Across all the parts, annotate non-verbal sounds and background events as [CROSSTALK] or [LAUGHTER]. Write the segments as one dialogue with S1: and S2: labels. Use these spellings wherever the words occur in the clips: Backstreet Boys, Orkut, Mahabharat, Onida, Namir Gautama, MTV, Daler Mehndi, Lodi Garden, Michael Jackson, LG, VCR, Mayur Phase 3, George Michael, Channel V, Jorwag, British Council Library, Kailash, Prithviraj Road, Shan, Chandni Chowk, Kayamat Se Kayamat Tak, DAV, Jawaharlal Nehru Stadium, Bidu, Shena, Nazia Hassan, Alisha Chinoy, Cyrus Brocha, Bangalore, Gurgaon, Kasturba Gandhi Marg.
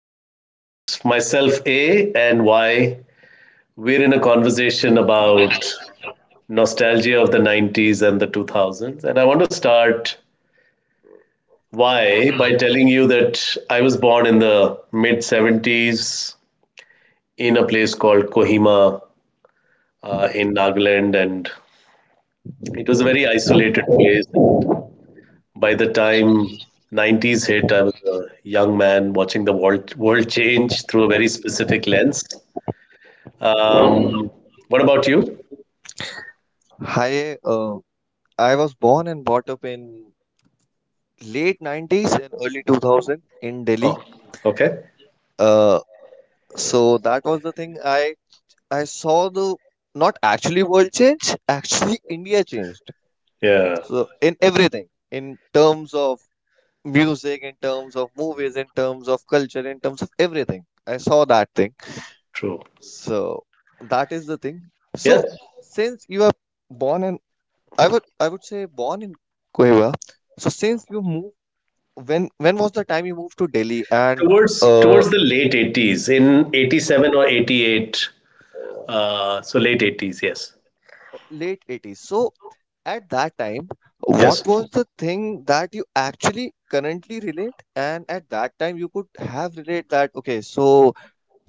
S1: Today it's myself, A, and Y. We're in a conversation about nostalgia of the 90s and the 2000s. And I want to start, Y, by telling you that I was born in the mid 70s in a place called Kohima in Nagaland. And it was a very isolated place. And by the time 90s hit, I was a young man watching the world change through a very specific lens. Um, what about you?
S2: Hi, I was born and brought up in late 90s and early 2000 in Delhi.
S1: Oh, okay.
S2: Uh, so that was the thing I saw the not actually world change, actually [LAUGHS] India changed.
S1: Yeah,
S2: So in everything, in terms of music, in terms of movies, in terms of culture, in terms of everything, I saw that thing.
S1: true.
S2: So that is the thing.
S1: Yeah.
S2: So since you are born in, I would say born in Coimbra, so since you moved, when was the time you moved to Delhi? And
S1: Towards
S2: uh,
S1: towards the late 80s, in 87 or 88. So late 80s, yes.
S2: late 80s? So at that time, what
S1: Yes.
S2: was the thing that you actually currently relate? And at that time, you could have relate that, okay, so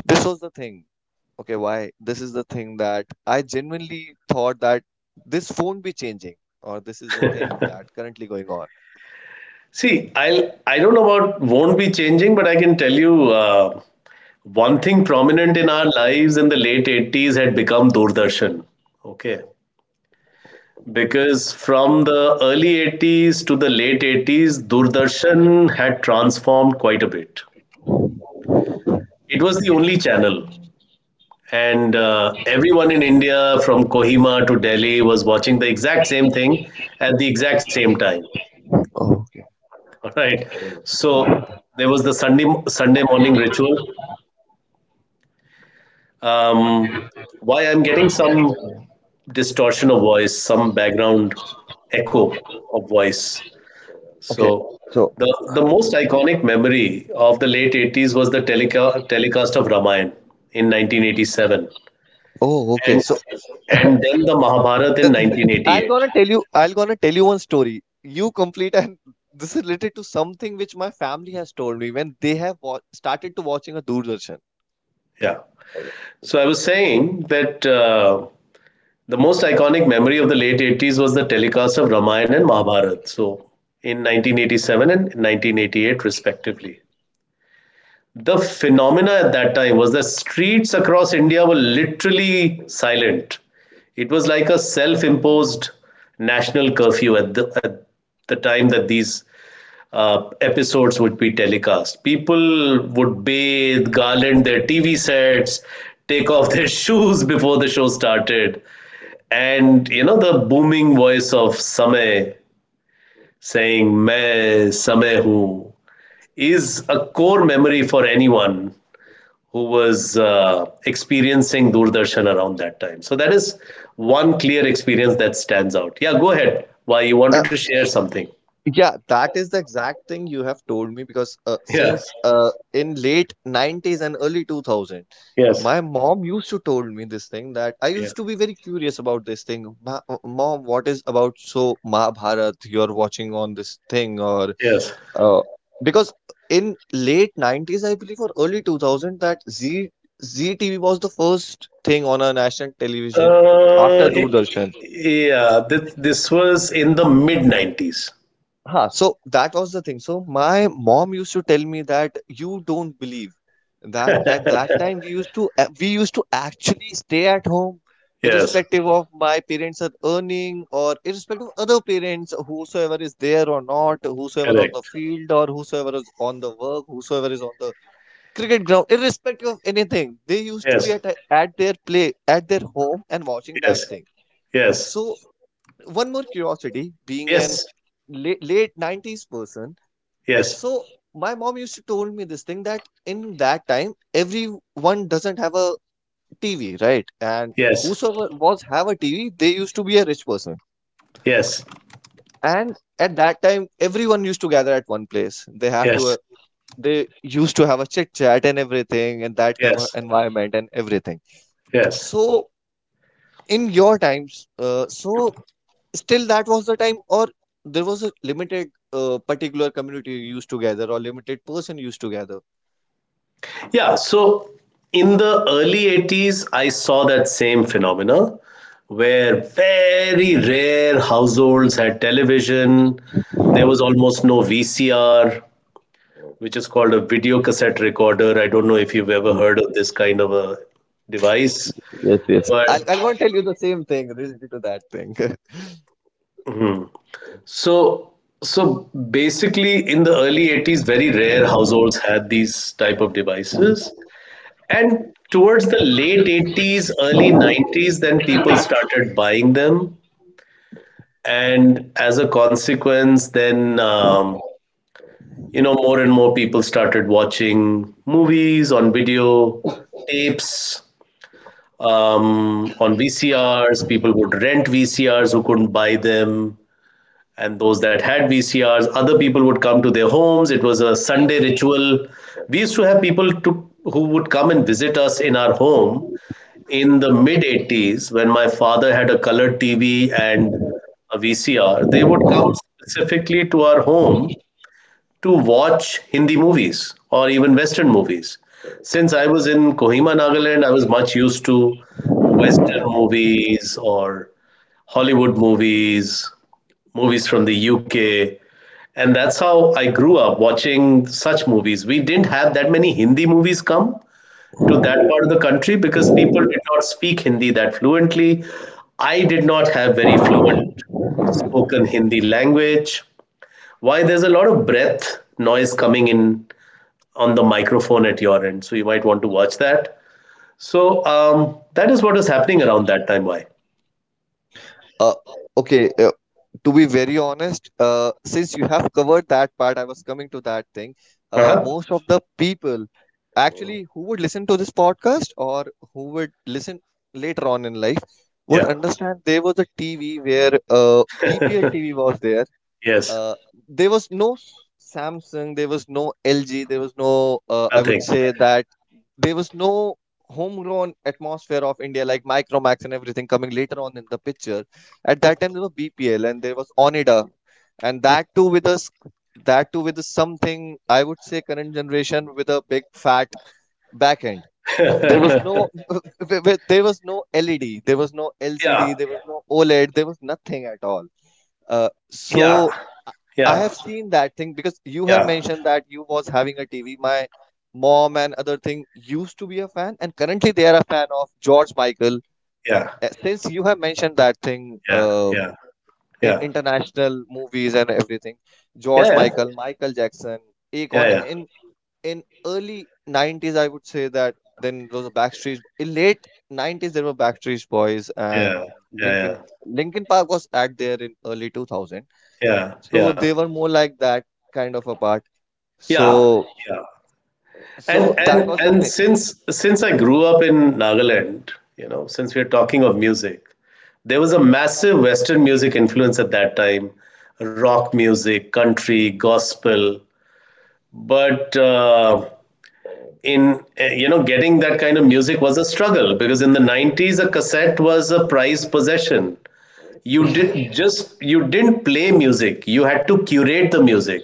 S2: this was the thing. Okay, why? This is the thing that I genuinely thought that this won't be changing, or this is the thing that currently going on.
S1: See, I don't know about won't be changing, but I can tell you one thing prominent in our lives in the late 80s had become Doordarshan. Okay. Because from the early 80s to the late 80s, Doordarshan had transformed quite a bit. It was the only channel. And everyone in India, from Kohima to Delhi, was watching the exact same thing at the exact same time.
S2: Oh, okay.
S1: All right. So there was the Sunday morning ritual. Um, why I'm getting some distortion of voice, some background echo of voice.
S2: Okay,
S1: So
S2: so.
S1: the most iconic memory of the late 80s was the telecast of Ramayana in 1987
S2: Oh, okay.
S1: and
S2: So,
S1: and then the Mahabharata in
S2: I'll
S1: 1988.
S2: gonna tell you. I'll gonna tell you one story. You complete and [LAUGHS] this is related to something which my family has told me when they have started to watching a Doordarshan.
S1: Yeah. So I was saying that the most iconic memory of the late 80s was the telecast of Ramayana and Mahabharata. So in 1987 and 1988 respectively. The phenomena at that time was the streets across India were literally silent. It was like a self-imposed national curfew at the time that these episodes would be telecast. People would bathe, garland their TV sets, take off their [LAUGHS] shoes before the show started, and you know the booming voice of Samay saying "Main Samay hoon." is a core memory for anyone who was experiencing Doordarshan around that time. So that is one clear experience that stands out. Yeah, go ahead. Why you
S2: Uh,
S1: wanted to share something?
S2: yeah, that is the exact thing you have told me, because
S1: Yeah.
S2: since in late 90s and early 2000,
S1: Yes.
S2: my mom used to told me this thing that I used
S1: Yes.
S2: to be very curious about this thing. Mom, what is about, so Mahabharat you're watching on this thing? Or
S1: Yes.
S2: Uh, because in late 90s, I believe, or early 2000, that Z ZTV was the first thing on a national television
S1: Uh,
S2: after Doordarshan.
S1: yeah. This was in the mid nineties. [LAUGHS]
S2: Huh, so that was the thing. So my mom used to tell me that you don't believe that at that time we used to, we used to actually stay at home,
S1: Yes.
S2: irrespective of my parents are earning, or irrespective of other parents, whosoever is there or not, whosoever on the
S1: Correct.
S2: field or whosoever is on the work, whosoever is on the cricket ground, irrespective of anything. They used to be
S1: Yes.
S2: at their play, at their home and watching that
S1: Yes.
S2: thing.
S1: Yes.
S2: So one more curiosity, being an
S1: Yes.
S2: late nineties person,
S1: Yes.
S2: so my mom used to told me this thing that in that time everyone doesn't have a TV, right? And
S1: Yes.
S2: whosoever was have a TV, they used to be a rich person.
S1: Yes.
S2: And at that time, everyone used to gather at one place. They have
S1: Yes.
S2: to, they used to have a chit chat and everything, and that kind
S1: Yes.
S2: of environment and everything.
S1: Yes.
S2: So in your times, so still that was the time, or there was a limited particular community you used to gather, or limited person used to gather?
S1: Yeah, so in the early 80s, I saw that same phenomena where very rare households had television. There was almost no VCR, which is called a video cassette recorder. I don't know if you've ever heard of this kind of a device.
S2: Yes, yes.
S1: But
S2: I'll go and tell you the same thing related to that thing. [LAUGHS]
S1: so so basically in the early 80s, very rare households had these type of devices. And towards the late 80s, early 90s, then people started buying them. And as a consequence, then, more and more people started watching movies on video tapes, on VCRs. People would rent VCRs who couldn't buy them. And those that had VCRs, other people would come to their homes. It was a Sunday ritual. We used to have people who would come and visit us in our home in the mid 80s when my father had a color TV and a VCR. They would come specifically to our home to watch Hindi movies or even Western movies. Since I was in Kohima, Nagaland, I was much used to Western movies or Hollywood movies from the UK. And that's how I grew up watching such movies. We didn't have that many Hindi movies come to that part of the country because people did not speak Hindi that fluently. I did not have very fluent spoken Hindi language. Why there's a lot of breath noise coming in on the microphone at your end, so you might want to watch that. So that is what was happening around that time. Why?
S2: uh, okay, to be very honest, since you have covered that part, I was coming to that thing.
S1: Uh huh.
S2: Most of the people actually who would listen to this podcast, or who would listen later on in life, would
S1: Yeah.
S2: understand there was a TV where BPL
S1: [LAUGHS]
S2: TV was there.
S1: Yes.
S2: uh, there was no Samsung, there was no LG, there was no, I would
S1: Nothing.
S2: say that there was no homegrown atmosphere of India like Micromax and everything coming later on in the picture. At that time, there was BPL and there was Onida, and that too with us, that too with a something, I would say, current generation with a big fat back end.
S1: [LAUGHS]
S2: There was
S1: Yeah.
S2: no, [LAUGHS] there was no LED, there was no LCD, there was no OLED, there was nothing at all. Uh,
S1: Yeah,
S2: so I
S1: yeah,
S2: have seen that thing because you have
S1: yeah,
S2: mentioned that you was having a TV. My mom and other thing used to be a fan, and currently they are a fan of George Michael.
S1: yeah,
S2: Since you have mentioned that thing,
S1: yeah, yeah,
S2: in
S1: yeah,
S2: international movies and everything,
S1: yeah,
S2: George
S1: yeah,
S2: Michael, Michael Jackson,
S1: yeah,
S2: Akon,
S1: yeah,
S2: in early 90s, I would say that then it was a Backstreet. In late 90s, there were Backstreet Boys, and
S1: yeah, yeah,
S2: Linkin
S1: yeah,
S2: Linkin Park was at there in early 2000,
S1: yeah.
S2: so
S1: Yeah.
S2: they were more like that kind of a part.
S1: Yeah.
S2: So
S1: Yeah.
S2: so
S1: And
S2: that
S1: and
S2: was the
S1: and
S2: thing.
S1: since since I grew up in Nagaland, since we're talking of music, there was a massive Western music influence at that time, rock music, country, gospel. But getting that kind of music was a struggle because in the 90s, a cassette was a prized possession. You didn't play music, you had to curate the music,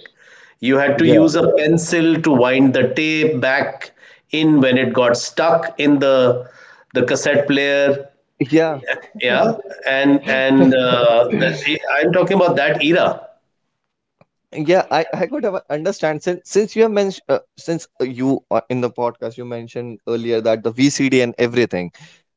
S1: you had to
S2: Yeah.
S1: use a pencil to wind the tape back in when it got stuck in the cassette player.
S2: Yeah,
S1: Yeah. I'm talking about that era.
S2: yeah, I could have understand, since you have mentioned, since you in the podcast you mentioned earlier that the VCD and everything.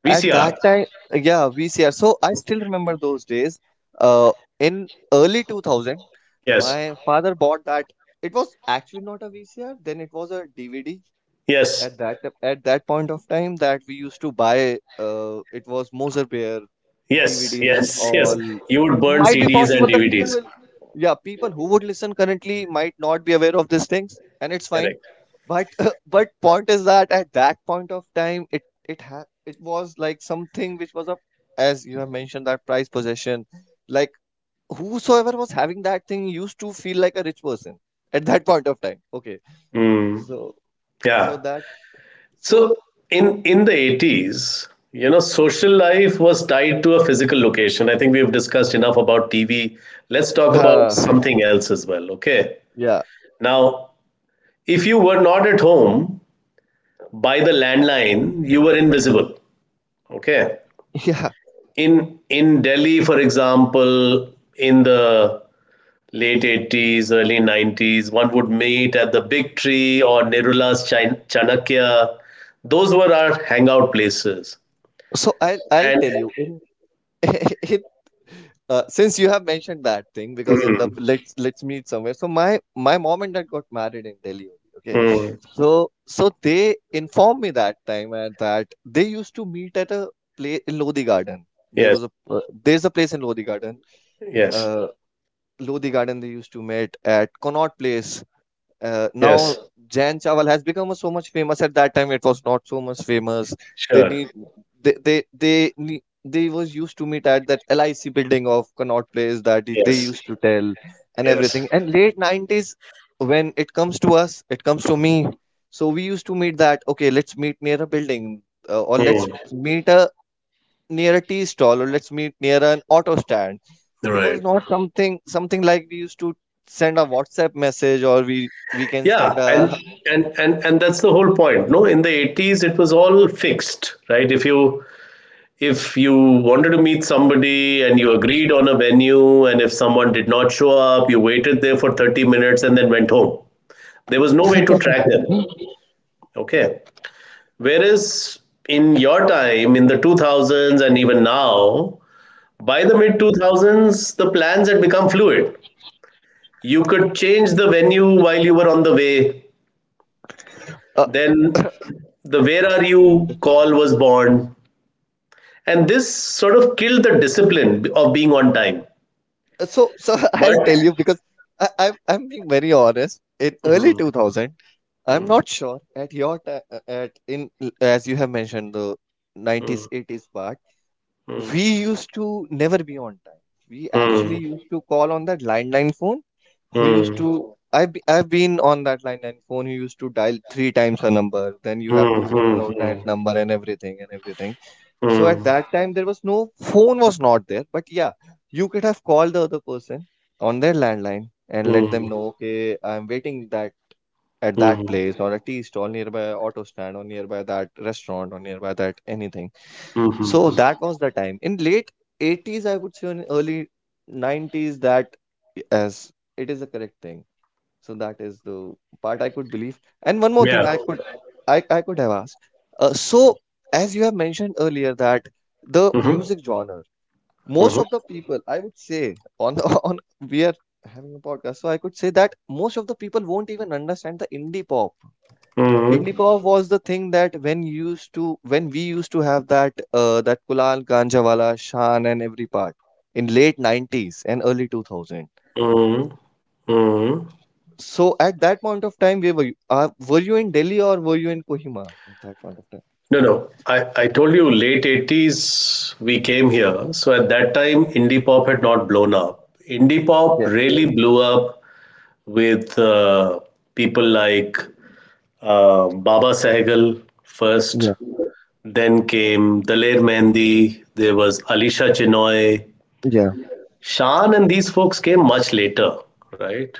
S2: At that
S1: VCR.
S2: time, yeah, VCR. So I still remember those days. Uh, in early 2000,
S1: Yes.
S2: my father bought that. It was actually not a VCR, then it was a DVD
S1: Yes.
S2: at that at that point of time, that we used to buy, it was Moser Bear
S1: Yes.
S2: DVDs and
S1: Yes. Yes.
S2: all.
S1: You would burn
S2: Might be
S1: CDs and
S2: possible the
S1: DVDs.
S2: people, yeah, people who would listen currently might not be aware of these things, and it's fine.
S1: Correct.
S2: But [LAUGHS] but point is that at that point of time, it ha it was like something which was a, as you have mentioned, that prized possession, like, whosoever was having that thing used to feel like a rich person at that point of time, okay? So so
S1: Yeah.
S2: that, so,
S1: So in the 80s, social life was tied to a physical location. I think we've discussed enough about TV. Let's talk about
S2: Uh,
S1: something else as well, okay?
S2: yeah,
S1: Now, if you were not at home by the landline, you were invisible, okay?
S2: [LAUGHS] yeah.
S1: In Delhi, for example, in the late 80s, early 90s, one would meet at the Big Tree or Nirula's Chan- Chanakya. Those were our hangout places.
S2: So I'll
S1: And
S2: tell you in, [LAUGHS] in, since you have mentioned that thing, because in the,
S1: mm,
S2: let's meet somewhere. So my mom and dad got married in Delhi only. Okay,
S1: mm,
S2: so they informed me that time, and that they used to meet at a place in Lodi Garden. There
S1: yes,
S2: was a, there's a place in Lodi Garden.
S1: yes,
S2: Uh, Lodi Garden, they used to meet at Connaught Place.
S1: yes,
S2: Now Jan Chawal has become so much famous. At that time, it was not so much famous. They
S1: sure,
S2: need, they need, they was used to meet at that LIC building of Connaught Place that they
S1: yes,
S2: used to tell and
S1: yes,
S2: everything. And late 90s, when it comes to us, it comes to me. So we used to meet that, okay, let's meet near a building, or
S1: mm,
S2: let's meet a near a tea stall, or let's meet near an auto stand. It was
S1: right.
S2: not something like we used to send a WhatsApp message, or we can
S1: Yeah,
S2: send
S1: and
S2: a,
S1: and and and that's the whole point. No, in the 80s it was all fixed, right? If you wanted to meet somebody and you agreed on a venue and if someone did not show up, you waited there for 30 minutes and then went home. There was no way to track them. Okay. Whereas in your time, in the 2000s and even now. By the mid 2000s, the plans had become fluid. You could change the venue while you were on the way.
S2: a
S1: Then the Where Are You call was born. And this sort of killed the discipline of being on time.
S2: so [LAUGHS]
S1: But.
S2: I'll tell you because I'm being very honest. In early
S1: Hmm,
S2: 2000, I'm
S1: hmm,
S2: not sure at your time, at in as you have mentioned the
S1: hmm,
S2: 90s 80s part.
S1: hmm,
S2: We used to never be on time. We
S1: hmm,
S2: actually
S1: hmm,
S2: used to call on that landline phone who used
S1: hmm,
S2: to, I've been on that line and phone, who used to dial three times a number, then you have
S1: hmm,
S2: to roll
S1: hmm,
S2: around
S1: hmm,
S2: that number and everything and everything. So at that time, there was no phone, was not there, but yeah, you could have called the other person on their landline and
S1: hmm,
S2: let
S1: hmm,
S2: them know, okay, I'm waiting that at that place, or a tea stall nearby, auto stand, or nearby that restaurant, or nearby that anything.
S1: hmm.
S2: So
S1: Hmm.
S2: that was the time. In late 80s, I would say, in early 90s, that, as it is the correct thing, so that is the part I could believe. And one more thing
S1: Yeah.
S2: I could, I could have asked. So as you have mentioned earlier, that the
S1: Mhm,
S2: music genre, most
S1: mhm,
S2: of the people, I would say, on the, [LAUGHS] on, we are having a podcast, so I could say that most of the people won't even understand the indie pop.
S1: mhm,
S2: Indie pop was the thing that when we used to have that, that Kunal Ganjawala, Shan, and every part in late 90s and early 2000.
S1: mhm, mhm.
S2: So at that point of time, where were you? Were you in Delhi, or were you in Kohima at that point of time?
S1: No, no. I told you late 80s we came here. So at that time, indie pop had not blown up. Indie pop
S2: Okay.
S1: really blew up with people like Baba Sehgal first.
S2: Yeah.
S1: Then came Daler Mehndi. There was Alisha Chinoy.
S2: Yeah.
S1: Shan and these folks came much later, right?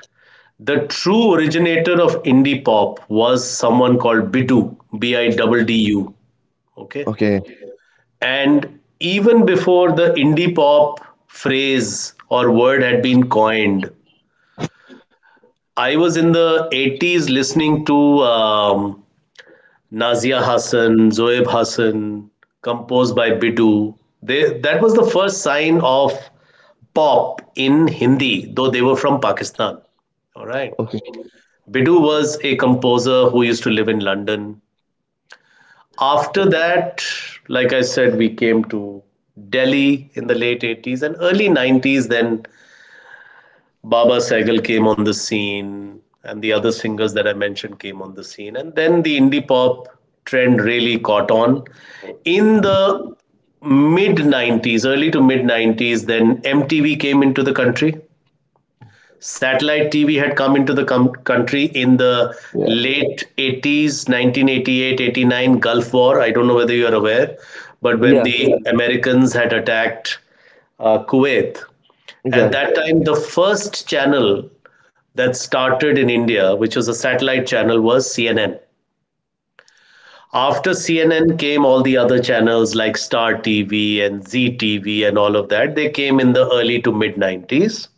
S1: The true originator of indie pop was someone called Bidu, Biddu. Okay.
S2: Okay.
S1: And even before the indie pop phrase or word had been coined, I was in the 80s listening to um, Nazia Hassan, Zoeb Hassan, composed by Bidu. That was the first sign of pop in Hindi, though they were from Pakistan. All right.
S2: Okay.
S1: Bidu was a composer who used to live in London. After that, like I said, we came to Delhi in the late 80s and early 90s. Then Baba Sehgal came on the scene, and the other singers that I mentioned came on the scene. And then the indie pop trend really caught on. In the mid 90s, early to mid 90s, then MTV came into the country. Satellite TV had come into the country in the
S2: Yeah.
S1: late 80s, 88, 89. Gulf War. I don't know whether you are aware, but when
S2: Yeah.
S1: the Americans had attacked Kuwait, at
S2: Yeah.
S1: that time, the first channel that started in India, which was a satellite channel, was CNN. After CNN came all the other channels like Star TV and ZTV and all of that. They came in the early to mid 90s.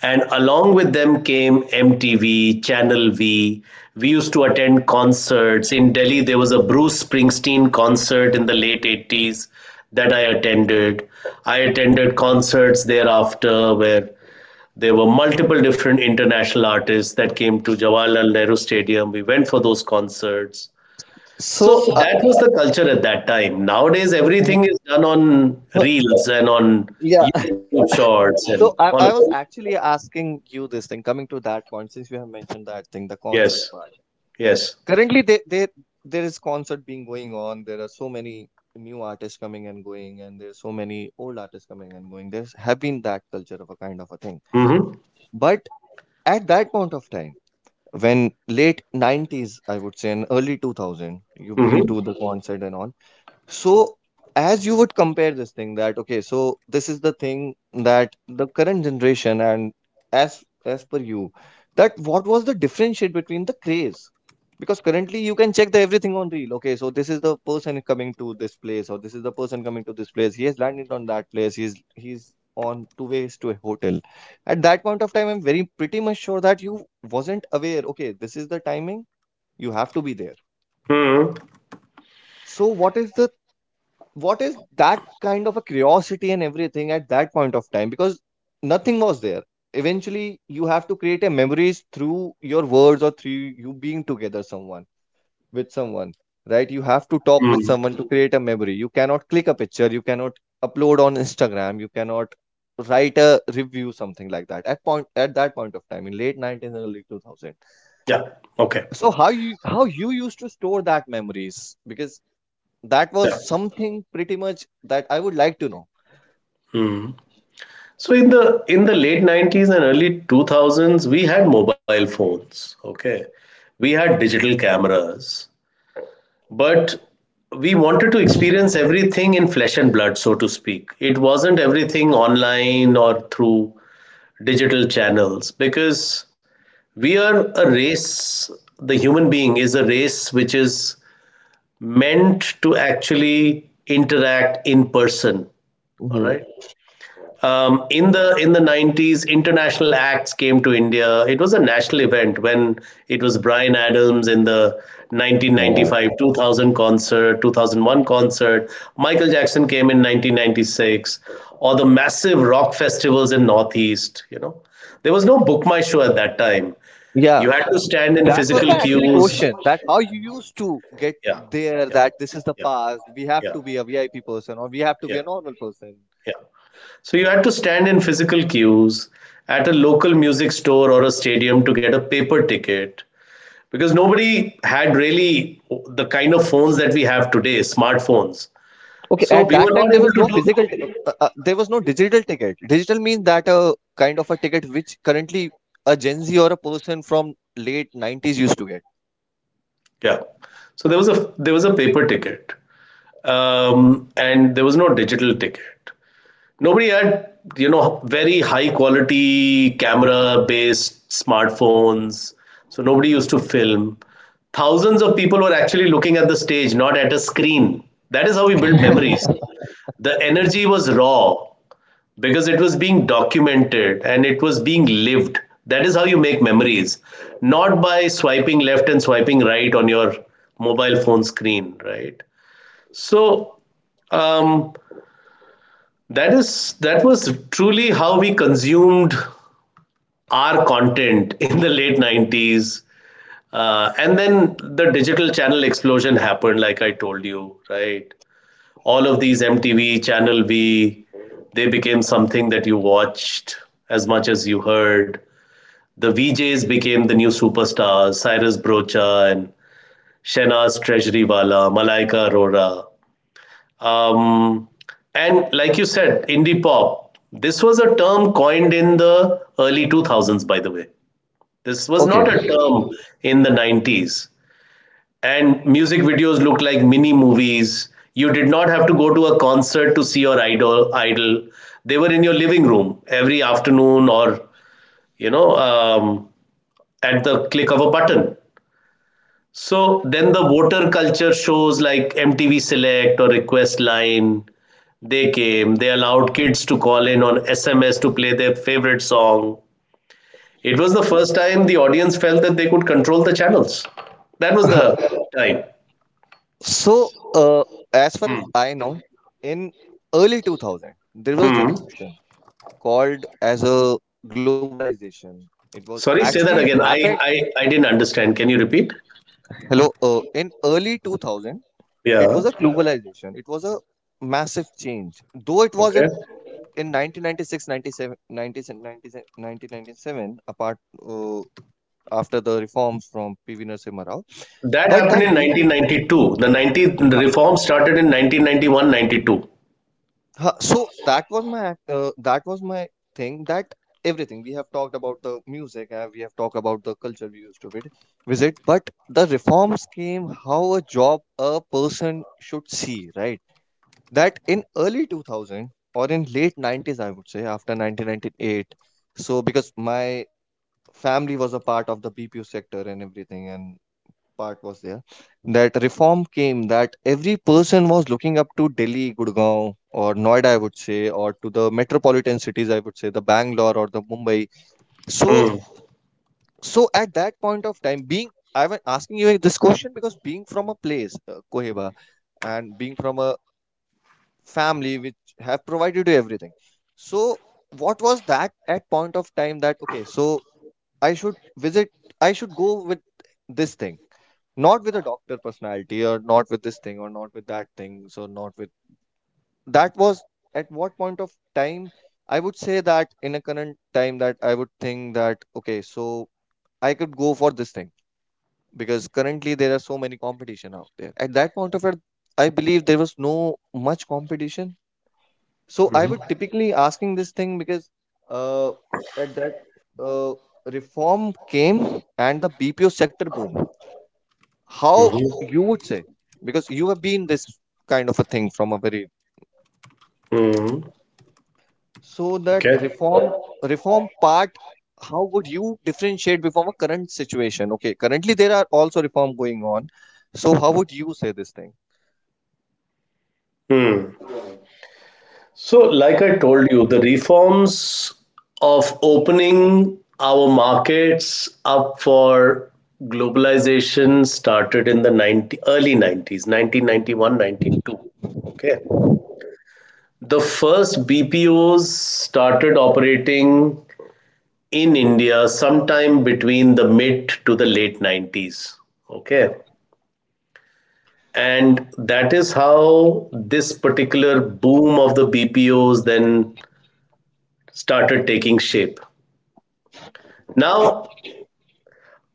S1: And along with them came MTV, Channel V. We used to attend concerts. In Delhi, there was a Bruce Springsteen concert in the late 80s that I attended. I attended concerts thereafter where there were multiple different international artists that came to Jawaharlal Nehru Stadium. We went for those concerts. So
S2: So,
S1: that was the culture at that time. Nowadays,
S2: uh,
S1: everything is done on reels and on
S2: yeah.
S1: YouTube shorts
S2: [LAUGHS]
S1: and
S2: So
S1: all
S2: I,
S1: of
S2: I
S1: that.
S2: was actually asking you this thing, coming to that point, since you have mentioned that thing, the
S1: Yes.
S2: concert part.
S1: Yes.
S2: Currently, there is concert being going on. There are so many new artists coming and going, and there's so many old artists coming and going. There's have been that culture of a kind of a thing.
S1: Mm-hmm.
S2: But at that point of time, when late 90s, I would say, and early 2000, you've been
S1: Mm-hmm.
S2: to the concert and all. So, as you would compare this thing, that okay, so this is the thing that the current generation, and, as per you, that what was the differentiate between the craze? Because currently you can check the everything on reel. Okay, so this is the person coming to this place, or this is the person coming to this place. He has landed on that place. He's on two ways to a hotel. At that point of time, I'm very pretty much sure that you wasn't aware. Okay, this is the timing. You have to be there.
S1: Mm-hmm.
S2: So, what is the what is that kind of a curiosity and everything at that point of time, because nothing was there. Eventually you have to create a memories through your words or through you being together someone with someone, right? You have to talk with
S1: Mm.
S2: someone to create a memory. You cannot click a picture, you cannot upload on Instagram, you cannot write a review, something like that at point at that point of time in late 90s and early 2000.
S1: Yeah. Okay.
S2: So how you used to store that memories, because that was
S1: Yeah.
S2: something pretty much that I would like to know.
S1: So in the late 90s and early 2000s, we had mobile phones. Okay. We had digital cameras, but we wanted to experience everything in flesh and blood, so to speak. It wasn't everything online or through digital channels because we are a race. The human being is a race which is meant to actually interact in person. All
S2: Mhm.
S1: right. In the 90s, international acts came to India. It was a national event when it was Brian Adams in the
S2: Yeah.
S1: 1995 2000 concert, 2001 concert. Michael Jackson came in 1996, or the massive rock festivals in Northeast. There was no book my show at that time.
S2: Yeah.
S1: You had to stand in
S2: That was
S1: physical
S2: my actually
S1: queues.
S2: question. That how you used to get
S1: Yeah,
S2: there,
S1: yeah,
S2: that this is the
S1: yeah,
S2: past, we have
S1: yeah.
S2: to be a VIP person or we have to
S1: Yeah,
S2: be a normal person.
S1: yeah. So you had to stand in physical queues at a local music store or a stadium to get a paper ticket because nobody had really the kind of phones that we have today, smartphones.
S2: Okay,
S1: So
S2: at
S1: we were
S2: that time
S1: not
S2: there
S1: able
S2: was
S1: to
S2: no
S1: do
S2: physical,
S1: that.
S2: there was no digital ticket. Digital means that a kind of a ticket which currently a Gen Z or a person from late 90s used to get.
S1: Yeah. So there was a paper ticket, and there was no digital ticket. Nobody had, very high quality camera based smartphones. So nobody used to film. Thousands of people were actually looking at the stage, not at a screen. That is how we built memories. The energy was raw because it was being documented and it was being lived. That is how you make memories, not by swiping left and swiping right on your mobile phone screen, right? So, um, that was truly how we consumed our content in the late 90s and then the digital channel explosion happened, like I told you, right? All of these MTV, Channel V, they became something that you watched as much as you heard. The VJs became the new superstars: Cyrus Brocha and Shena's Treasury Wala, Malaika Arora. um, and like you said, indie pop. This was a term coined in the early 2000s, by the way. This was not
S2: Okay.
S1: a term in the 90s. And music videos looked like mini movies. You did not have to go to a concert to see your idol. They were in your living room every afternoon or, you know, um, at the click of a button. So then the voter culture shows like MTV Select or Request Line. They came, they allowed kids to call in on SMS to play their favorite song. It was the first time the audience felt that they could control the channels. That was
S2: [LAUGHS]
S1: the time.
S2: So, as far as I know, in early 2000, there was
S1: Hmm.
S2: revolution called as a globalization. It was
S1: Sorry,
S2: actually
S1: say
S2: it
S1: that again.
S2: happened.
S1: I didn't understand. Can you repeat?
S2: Hello, in early 2000, it was
S1: Yeah.
S2: a globalization. It was a massive change. Though it was
S1: Okay.
S2: in 1996, apart uh, after the reforms from PV Narasimha Rao,
S1: That
S2: but
S1: happened
S2: that
S1: in
S2: deep
S1: 1992. The reform started in 1991, 92.
S2: So that was my that was my thing that everything we have talked about the music, we have talked about the culture we used to visit, but the reforms came how a job a person should see, right? That in early 2000 or in late 90s, I would say after 1998. So because my family was a part of the BPO sector and everything and part was there, that reform came that every person was looking up to Delhi, Gurgaon, or Noida, I would say, or to the metropolitan cities, I would say, the Bangalore or the Mumbai. So,
S1: Hmm.
S2: so at that point of time, being I'm asking you this question because being from a place, Koheba, and being from a family which have provided you everything. So, what was that at point of time that okay, so I should visit, I should go with this thing, not with a doctor personality or not with this thing or not with that thing, so not with that was at what point of time I would say that in a current time that I would think that okay, so I could go for this thing because currently there are so many competition out there. At that point of it, I believe there was no much competition. So I would typically asking this thing because, uh, at that, uh, reform came and the BPO sector boom, how you would say, because you have been this kind of a thing from a very,
S1: Hmm.
S2: so that
S1: Okay.
S2: reform, reform part, how would you differentiate from a current situation? Okay, currently there are also reform going on. So how would you say this thing?
S1: Hmm. So, like I told you, the reforms of opening our markets up for globalization started in the 90, early 90s, one, 92. Okay. The first BPOs started operating in India sometime between the mid to the late 90s. Okay. And that is how this particular boom of the BPOs then started taking shape. Now,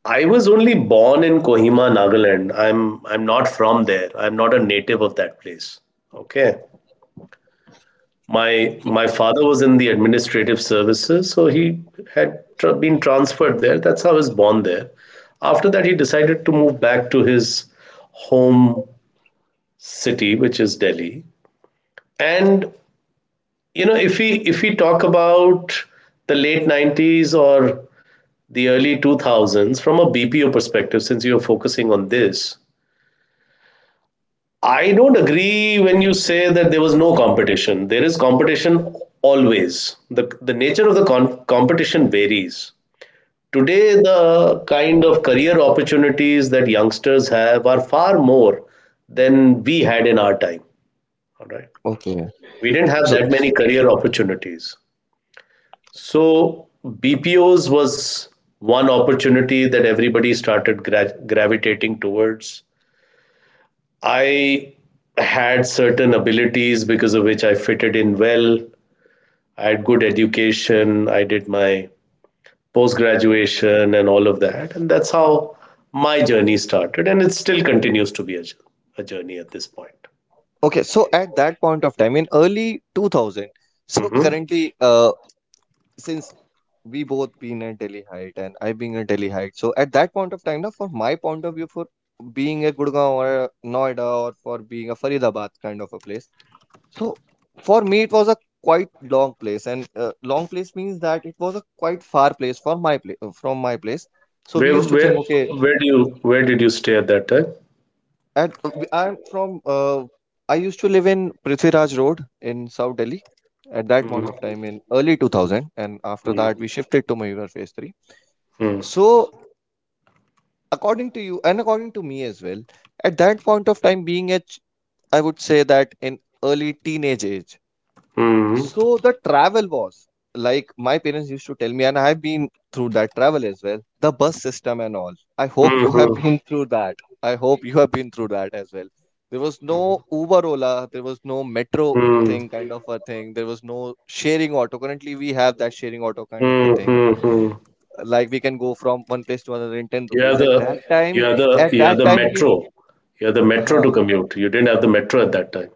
S1: I was only born in Kohima, Nagaland. I'm not from there. I'm not a native of that place. Okay. My father was in the administrative services, so he had been transferred there. That's how I was born there. After that, he decided to move back to his home city, which is Delhi. And if we talk about the late 90s or the early 2000s from a BPO perspective, since you're focusing on this, I don't agree when you say that there was no competition. There is competition always. The nature of the competition varies. Today, the kind of career opportunities that youngsters have are far more than we had in our time. All right.
S2: Okay.
S1: We didn't have
S2: so
S1: that many career opportunities. So, BPOs was one opportunity that everybody started gravitating towards. I had certain abilities because of which I fitted in well. I had good education. I did my post graduation and all of that. And that's how my journey started. And it still continues to be a journey at this point.
S2: okay, so at that point of time in early 2000, so
S1: Hmm.
S2: currently, since we both been a Delhi height and I being a Delhi height. So at that point of time, now for my point of view, for being a Gurgaon or a Noida or for being a Faridabad kind of a place. So for me, it was a quite long place, and long place means that it was a quite far place for my place from my place. So we
S1: Where,
S2: used to think,
S1: where,
S2: okay,
S1: where, do you, where did you stay at that time?
S2: at I'm from, I used to live in Prithviraj Road in South Delhi at that
S1: Mm.
S2: point of time in early 2000, and after
S1: Hmm.
S2: that we shifted to Mayur phase 3.
S1: Mm.
S2: So according to you and according to me as well, at that point of time, being at, I would say that in early teenage age.
S1: Hmm.
S2: So
S1: Mm.
S2: the travel was like, my parents used to tell me and I've been through that travel as well, the bus system and all. I hope you have
S1: Hmm.
S2: been [LAUGHS] through that. I hope you have been through that as well. There was no Uber, Ola, there was no metro
S1: Mm. Hmm.
S2: thing, kind of a thing. There was no sharing auto. Currently we have that sharing auto kind of a
S1: Mm.
S2: thing,
S1: Mm.
S2: like we can go from one place to another in 10
S1: You have
S2: rupees. At that
S1: the you
S2: time,
S1: have the
S2: at
S1: you have
S2: that
S1: the
S2: time we
S1: metro. You have the metro
S2: huh,
S1: to commute. You didn't have the metro at that time.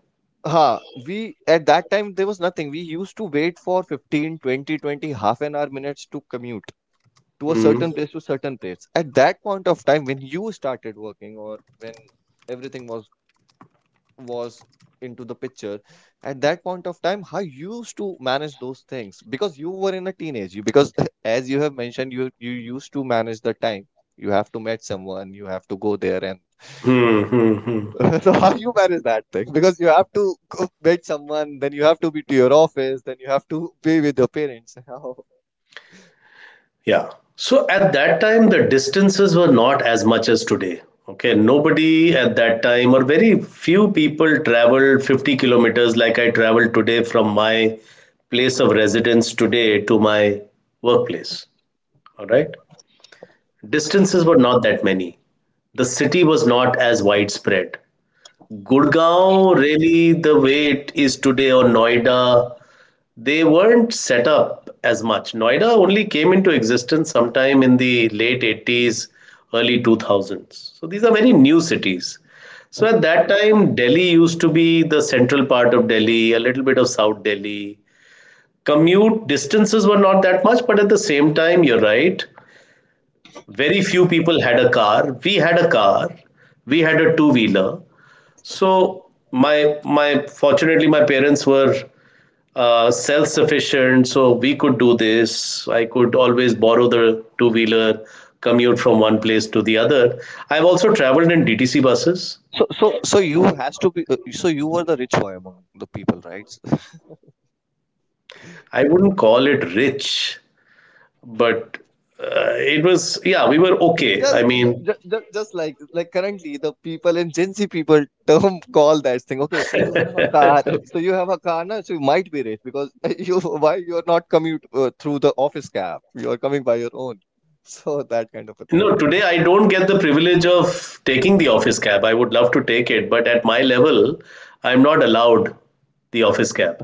S2: huh, we at that time there was nothing. We used to wait for 15 20 half an hour minutes to commute to a
S1: Hmm.
S2: certain place to certain place. At that point of time when you started working or when everything was into the picture, at that point of time how you used to manage those things, because you were in a teenage? You because [LAUGHS] as you have mentioned, you used to manage the time, you have to meet someone, you have to go there, and
S1: Hmm. Hmm. Hmm.
S2: [LAUGHS] so how you manage that thing, because you have to go [LAUGHS] meet someone, then you have to be to your office, then you have to be with your parents. [LAUGHS] How?
S1: Yeah. So at that time, the distances were not as much as today. Okay. Nobody at that time, or very few people, traveled 50 kilometers like I traveled today from my place of residence today to my workplace. All right. Distances were not that many. The city was not as widespread. Gurgaon, really, the way it is today, or Noida, they weren't set up as much. Noida only came into existence sometime in the late 80s, early 2000s. So these are very new cities. So at that time, Delhi used to be the central part of Delhi, a little bit of South Delhi. Commute distances were not that much, but at the same time, you're right, very few people had a car. We had a car, we had a two wheeler. So my fortunately my parents were self sufficient, so we could do this. I could always borrow the two wheeler, commute from one place to the other. I've also traveled in DTC buses.
S2: So you has to be. So you were the rich boy among the people, right?
S1: I wouldn't call it rich, but it was, yeah, we were
S2: Ju-
S1: okay. I
S2: Just,
S1: mean.
S2: just, just like currently the people in Gen Z people term [LAUGHS] call that thing. Okay, so you have a car,
S1: [LAUGHS]
S2: [LAUGHS] so you have a car now, so you might be rich because [LAUGHS] you, why you are not commute through the office cab, you are coming by your own. [LAUGHS] So that kind of a thing.
S1: No, today I don't get the privilege of taking the office cab. I would love to take it, but at my level, I'm not allowed the office cab.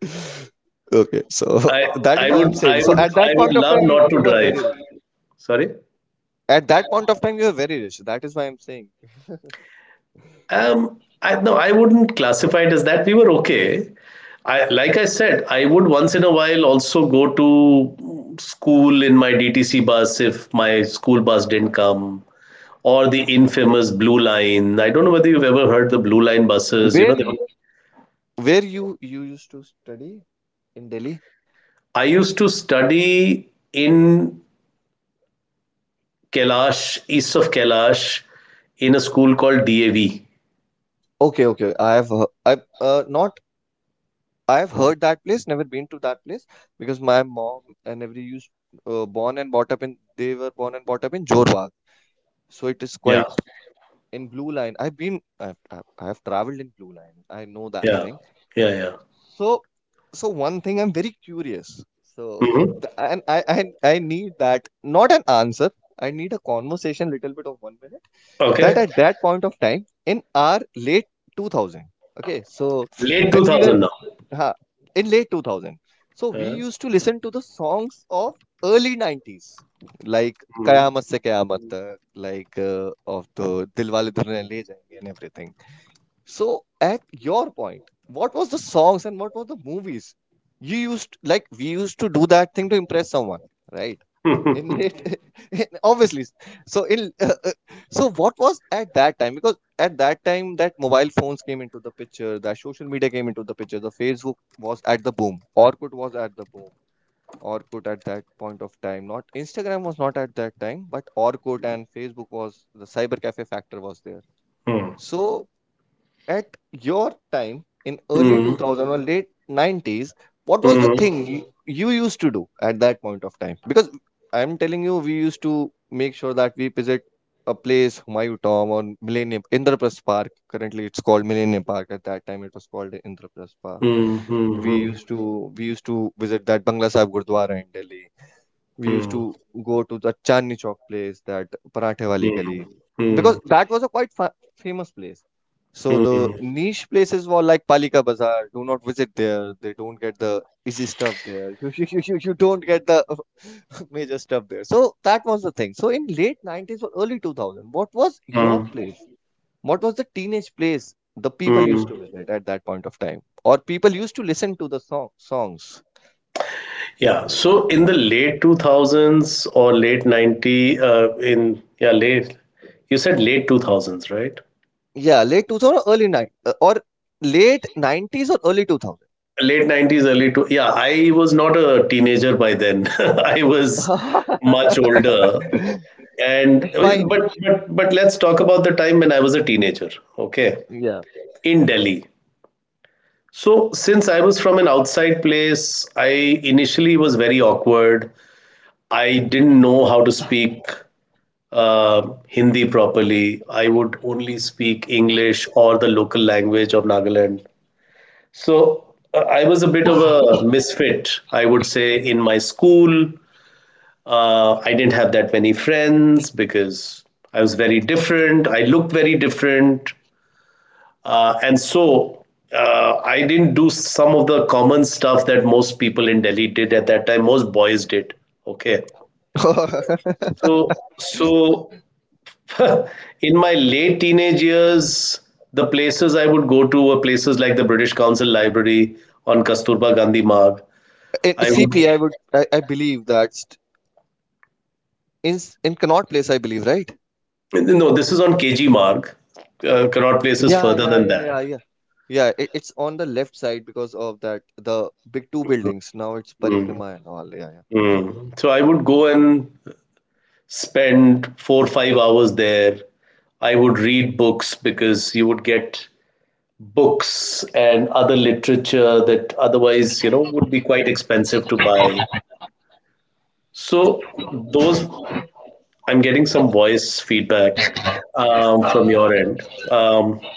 S2: [LAUGHS] Okay, so
S1: I
S2: [LAUGHS] that
S1: I
S2: is why I'm
S1: would I
S2: saying. So
S1: would
S2: at
S1: I
S2: that
S1: would
S2: point of
S1: love
S2: time, you
S1: not
S2: you
S1: to
S2: were
S1: drive.
S2: very rich.
S1: Sorry.
S2: At that point of time, you were very rich. That is why I'm saying.
S1: Um. I, no, I wouldn't classify it as that. We were okay. I, like I said, I would once in a while also go to school in my DTC bus if my school bus didn't come. Or the infamous Blue Line. I don't know whether you've ever heard the Blue Line buses. You
S2: Where
S1: know, they were—
S2: you, where you used to study in Delhi?
S1: I used to study in Kailash, east of Kailash, in a school called DAV.
S2: Okay, okay. I have, I uh, not I've heard that place, never been to that place because my mom and every used, born and brought up in, they were born and brought up in Jorwag. So it is
S1: Yeah.
S2: quite in Blue Line. I've been, I've traveled in Blue Line. I know that
S1: Yeah,
S2: thing.
S1: yeah, yeah.
S2: So, so one thing I'm very curious. So [LAUGHS]
S1: Mhm.
S2: and I need that not an answer. I need a conversation little bit of 1 minute, that
S1: Okay.
S2: at that point of time in our late 2000, okay so
S1: Late
S2: when we were,
S1: 2000 now.
S2: huh, in late 2000, so we
S1: Yeah.
S2: used to listen to the songs of early 90s, like
S1: Mhm.
S2: Kayamat Se Kayamat Tak, like, of the Dilwale Dulhaniya Le Jayenge and everything. So at your point, what was the songs and what were the movies you used, like we used to do that thing to impress someone, right, in
S1: Hmm.
S2: late [LAUGHS] obviously. So in so what was at that time, because at that time that mobile phones came into the picture, that social media came into the picture, the Facebook was at the boom, Orkut was at the boom. Orkut at that point of time, not Instagram was not at that time, but Orkut and Facebook was. The cyber cafe factor was there.
S1: Hmm.
S2: So at your time in early
S1: Hmm.
S2: 2000 or late 90s, what was the
S1: Hmm.
S2: thing you used to do at that point of time? Because I'm telling you, we used to make sure that we visit a place Humayun Tom, or Millennium Indraprastha Park, currently it's called Millennium Park, at that time it was called Indraprastha Park. We
S1: Hmm.
S2: used to, visit that Bangla Sahib Gurdwara in Delhi. We used
S1: Hmm.
S2: to go to the Chandni Chowk place, that Parathe Wali Gali,
S1: Mm.
S2: because
S1: Mm.
S2: that was a quite famous place. So the
S1: Mm.
S2: niche places were like Palika Bazaar. Do not visit there. They don't get the easy stuff there. You don't get the [LAUGHS] major stuff there. So that was the thing. So in late 90s or early 2000, what was your
S1: Mm.
S2: place? What was the teenage place the people used
S1: Mm.
S2: to
S1: [LAUGHS]
S2: visit at that point of time? Or people used to listen to the songs?
S1: Yeah. So in the late 2000s or late 90, in, yeah, late, you said late 2000s, right?
S2: Yeah, late 2000 or early nine or late 90s or early 2000.
S1: Late 90s, early to— yeah, I was not a teenager by then. [LAUGHS] I was much
S2: [LAUGHS]
S1: older. and
S2: Fine.
S1: but but but let's talk about the time when I was a teenager, okay,
S2: Yeah.
S1: in Delhi. So, since I was from an outside place, I initially was very awkward. I didn't know how to speak Hindi properly. I would only speak English or the local language of Nagaland. So, I was a bit of a misfit, I would say, in my school. I didn't have that many friends because I was very different. I looked very different. And so, I didn't do some of the common stuff that most people in Delhi did at that time, most boys did. Okay.
S2: [LAUGHS]
S1: So, so, [LAUGHS] in my late teenage years, the places I would go to were places like the British Council Library on Kasturba Gandhi Marg.
S2: In
S1: I would—
S2: CP, would I believe that's in in Connaught Place, I believe, right?
S1: no. This is on KG mark. Connaught Place is further than that.
S2: Yeah. Yeah, it's on the left side because of that the big two buildings. Now it's
S1: Mm.
S2: Parikrama and all. Yeah,
S1: Mm. So I would go and spend 4 or 5 hours there. I would read books because you would get books and other literature that otherwise, would be quite expensive to buy. So those— I'm getting some voice feedback, from your end. Um,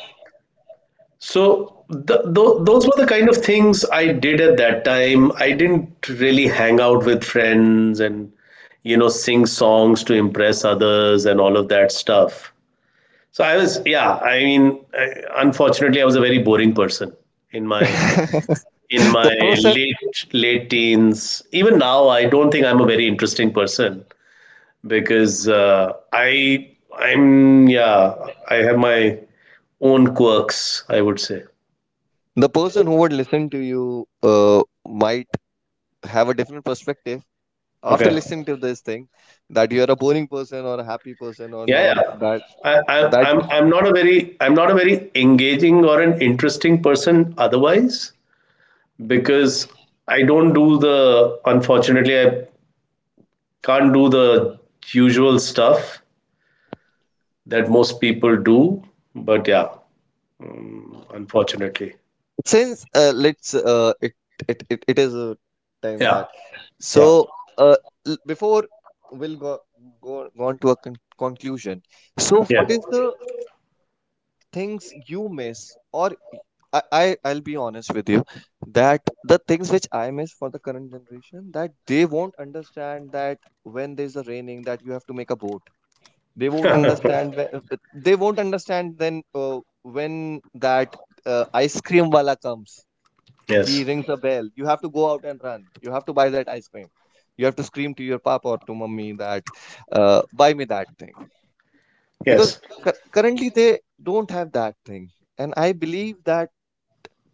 S1: So those were the kind of things I did at that time. I didn't really hang out with friends and sing songs to impress others and all of that stuff. So I was, yeah, I mean, unfortunately I was a very boring person in my
S2: yeah.
S1: in
S2: [LAUGHS] the
S1: my
S2: person
S1: late late teens. Even now I don't think I'm a very interesting person because I I'm yeah, I have my own quirks, I would say.
S2: the person who would listen to you, might have a different perspective after
S1: Okay.
S2: listening to this thing that you're a boring person or a happy person, or
S1: Yeah,
S2: not.
S1: yeah.
S2: That that
S1: I'm not a very engaging or an interesting person otherwise because I don't do the unfortunately I can't do the usual stuff that most people do. But yeah, unfortunately,
S2: since let's it, it it it is a time
S1: yeah,
S2: that
S1: yeah,
S2: so uh, before we'll go on to a conclusion, so
S1: yeah,
S2: what is the things you miss? Or I'll be honest with you that the things which I miss for the current generation, that they won't understand, that when there's a raining that you have to make a boat. they won't
S1: [LAUGHS]
S2: understand whe- uh, they won't understand then, when that, ice cream wala comes, he
S1: yes,
S2: rings a bell, you have to go out and run, you have to buy that ice cream. You have to scream to your papa or to mummy that, buy me that thing, because
S1: yes.
S2: currently they don't have that thing. And I believe that,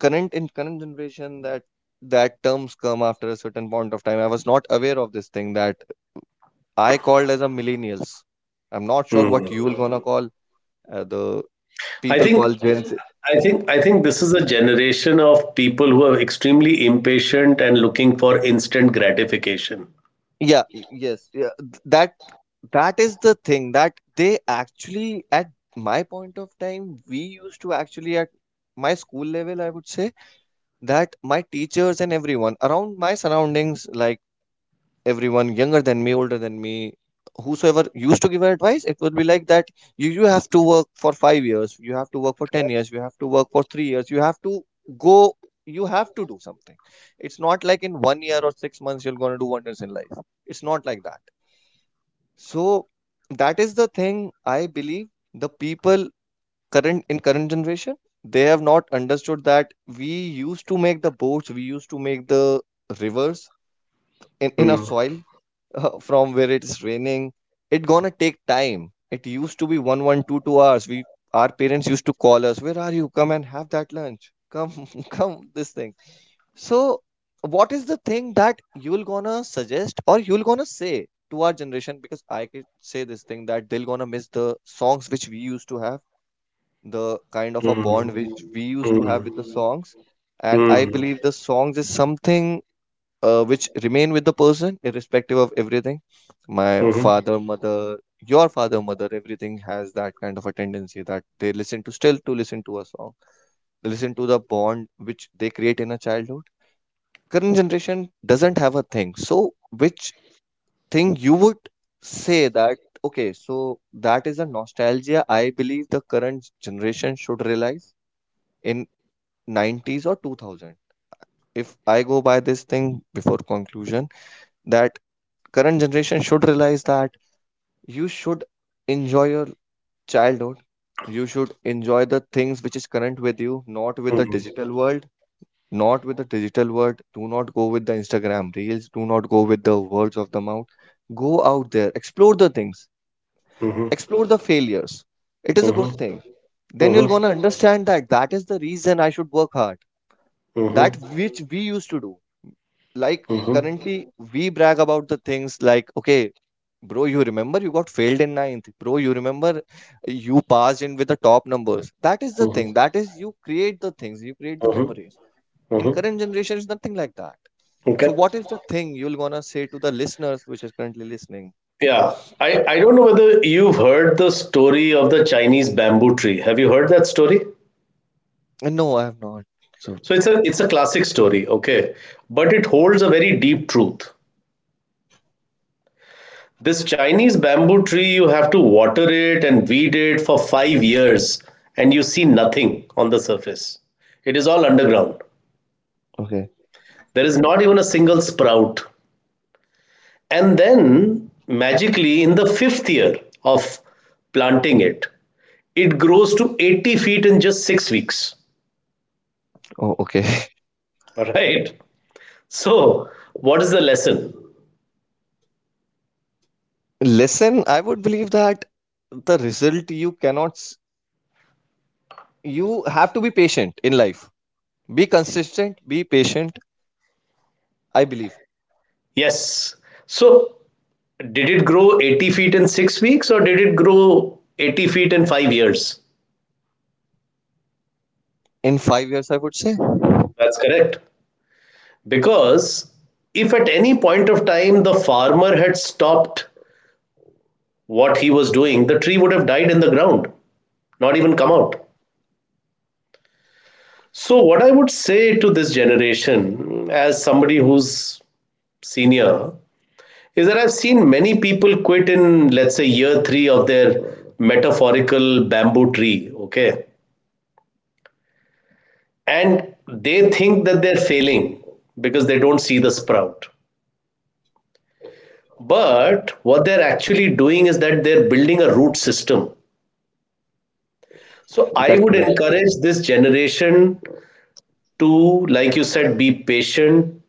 S2: current in current generation, that, that terms come after a certain point of time. I was not aware of this thing, that I called as a millennials. I'm not sure
S1: Hmm.
S2: what you will gonna call the
S1: I
S2: people
S1: think
S2: call Gen Z. [LAUGHS]
S1: I think this is a generation of people who are extremely impatient and looking for instant gratification.
S2: Yeah, yes, yeah. That is the thing, that they actually at my point of time, we used to actually, at my school level, I would say that my teachers and everyone around my surroundings, like everyone younger than me, older than me, whosoever used to give advice, it would be like that you have to work for 5 years, you have to work for 10 years, you have to work for 3 years, you have to go, you have to do something. It's not like in one year or 6 months you're going to do wonders in life. It's not like that. So, that is the thing I believe, the people current in current generation, they have not understood that we used to make the boats, we used to make the rivers in our
S1: Mm.
S2: soil. [LAUGHS] From where it's raining, it gonna take time. It used to be one one two two hours, we, our parents used to call us, where are you? Come and have that lunch. Come, [LAUGHS] come this thing. So what is the thing that you'll gonna suggest or you'll gonna say to our generation? Because I could say this thing, that they'll gonna miss the songs which we used to have, the kind of a
S1: Mm.
S2: bond which we used to
S1: Mm.
S2: have with the songs. And I
S1: Mm.
S2: believe the songs is something, which remain with the person irrespective of everything. My
S1: Mhm. Mhm.
S2: father, mother, your father, mother, everything has that kind of a tendency that they listen to, still to listen to a song. They listen to the bond which they create in a childhood. Current generation doesn't have a thing. So, which thing you would say that, okay, so that is a nostalgia I believe the current generation should realize, in 90s or 2000, if I go by this thing, before conclusion, that current generation should realize that you should enjoy your childhood, you should enjoy the things which is current with you, not with the
S1: Mhm.
S2: digital world, not with the digital world. Do not go with the Instagram reels, do not go with the words of the mouth. Go out there, explore the things,
S1: Mhm.
S2: explore the failures. It is a
S1: Mhm.
S2: good thing. Then you're
S1: Mhm.
S2: gonna understand that that is the reason I should work hard, that which we used to do. Like,
S1: Mhm.
S2: currently we brag about the things, like, okay bro, you remember you got failed in ninth? Bro, you remember you passed in with the top numbers? That is the thing,
S1: Mhm.
S2: that is, you create the things, you create the
S1: Mhm.
S2: memories. In
S1: Mhm.
S2: current generation is nothing like that. So
S1: Okay.
S2: what is the thing you'll gonna say to the listeners which is currently listening?
S1: Yeah. I don't know whether you've heard the story of the Chinese bamboo tree. Have you heard that story?
S2: And no, I have not. So,
S1: So it's a classic story, okay? But it holds a very deep truth. This Chinese bamboo tree, you have to water it and weed it for 5 years, and you see nothing on the surface. It is all underground.
S2: okay.
S1: There is not even a single sprout. And then, magically, in the fifth year of planting it, it grows to 80 feet in just 6 weeks.
S2: Oh, okay.
S1: All right. So, what is the lesson?
S2: [LAUGHS] Listen, I would believe that the result you cannot. You have to be patient in life, be consistent, be patient, I believe.
S1: Yes. So, did it grow 80 feet in 6 weeks or did it grow 80 feet in 5 years?
S2: In 5 years, I would say.
S1: That's correct. Because if at any point of time the farmer had stopped what he was doing, the tree would have died in the ground, not even come out. So, what I would say to this generation, as somebody who's senior, is that I've seen many people quit in, let's say, year three of their metaphorical bamboo tree, okay? And they think that they're failing because they don't see the sprout. But what they're actually doing is that they're building a root system. So I
S2: That's
S1: would
S2: correct.
S1: encourage this generation to, like you said, be patient,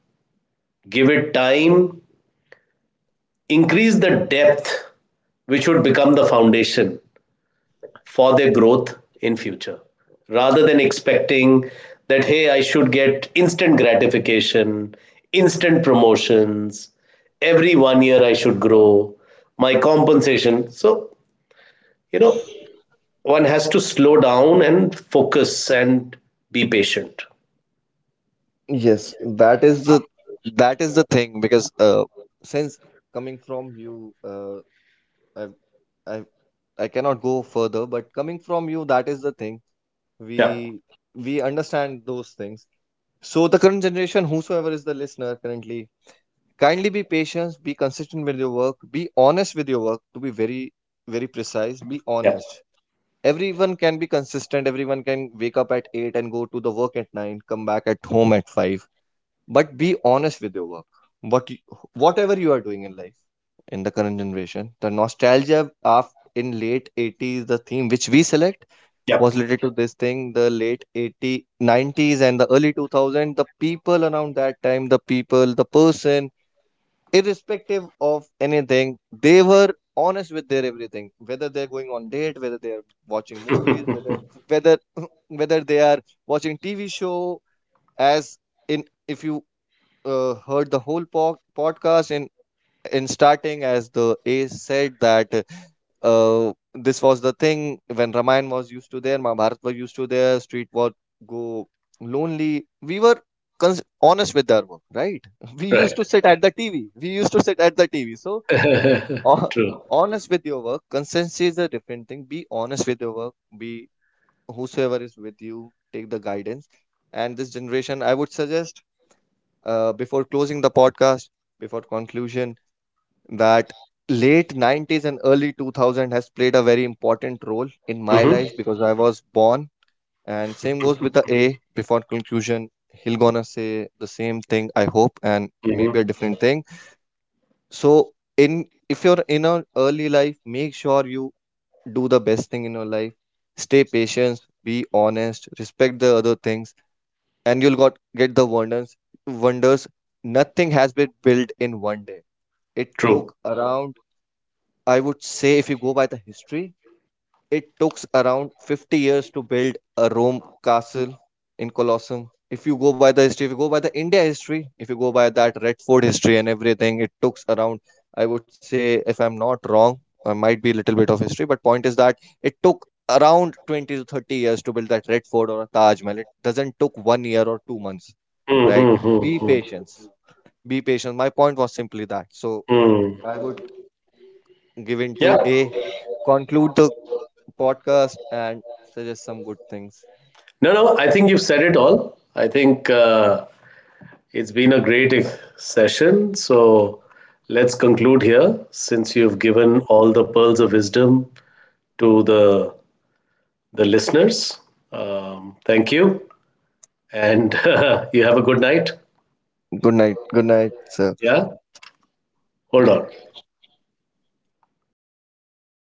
S1: give it time, increase the depth, which would become the foundation for their growth in future, rather than expecting that, hey, I should get instant gratification, instant promotions, every 1 year I should grow, my compensation. So, you know, one has to slow down and focus and be patient.
S2: Yes, that is the thing, because since coming from you, I I I cannot go further, but coming from you, that is the thing.
S1: Yeah.
S2: We we understand those things. So the current generation, whosoever is the listener currently, kindly be patient, be consistent with your work, be honest with your work. To be very, very precise, be
S1: Yeah.
S2: honest. Everyone can be consistent, everyone can wake up at 8 and go to the work at 9, come back at home at 5. But be honest with your work. What you, whatever you are doing in life, in the current generation, the nostalgia of, in late 80s, the theme which we select
S1: Yeah.
S2: was related to this thing, the late 80s, 90s and the early 2000, the people around that time, the person, irrespective of anything, they were honest with their everything, whether they're going on date, whether they're watching movies, whether [LAUGHS] whether they are watching TV show, as in, if you, heard the whole podcast, in starting, as the ace said, that this was the thing when Ramayana was used to there, Mahabharata was used to there, street was go lonely. We were honest with our work, right? [LAUGHS] We used
S1: Right.
S2: to sit at the TV. We used to sit at the TV. So, [LAUGHS] ho-
S1: True.
S2: honest with your work, consistency is a different thing. Be honest with your work. Be, whosoever is with you, take the guidance. And this generation, I would suggest, before closing the podcast, before conclusion, that late 90s and early 2000 has played a very important role in my
S1: Mm-hmm.
S2: life, because I was born. And same goes with the A. Before conclusion, he'll gonna say the same thing I hope, and maybe
S1: Mm-hmm.
S2: a different thing. So, in if you're in an early life, make sure you do the best thing in your life. Stay patient, be honest, respect the other things, and you'll got get the wonders. Wonders. Nothing has been built in one day. It
S1: True.
S2: took around I would say, if you go by the history, it took around 50 years to build a Rome castle in Colosseum. If you go by the history, if you go by the India history, if you go by that Red Fort history and everything, it took around, I would say, if I'm not wrong, I might be a little bit of history, but point is that it took around 20 to 30 years to build that Red Fort or a Taj Mahal. It doesn't took one year or 2 months, right? Be
S1: Mm-hmm.
S2: patient. Be patient. My point was simply that. So
S1: Mm.
S2: I would given to
S1: Yeah.
S2: A. Conclude the podcast and suggest some good things.
S1: No, no, I think you've said it all. I think it's been a great session. So let's conclude here since you've given all the pearls of wisdom to the listeners. Thank you. And [LAUGHS] you have a good night.
S2: Good night. Good night, sir.
S1: Yeah. Hold on.
S2: Okay.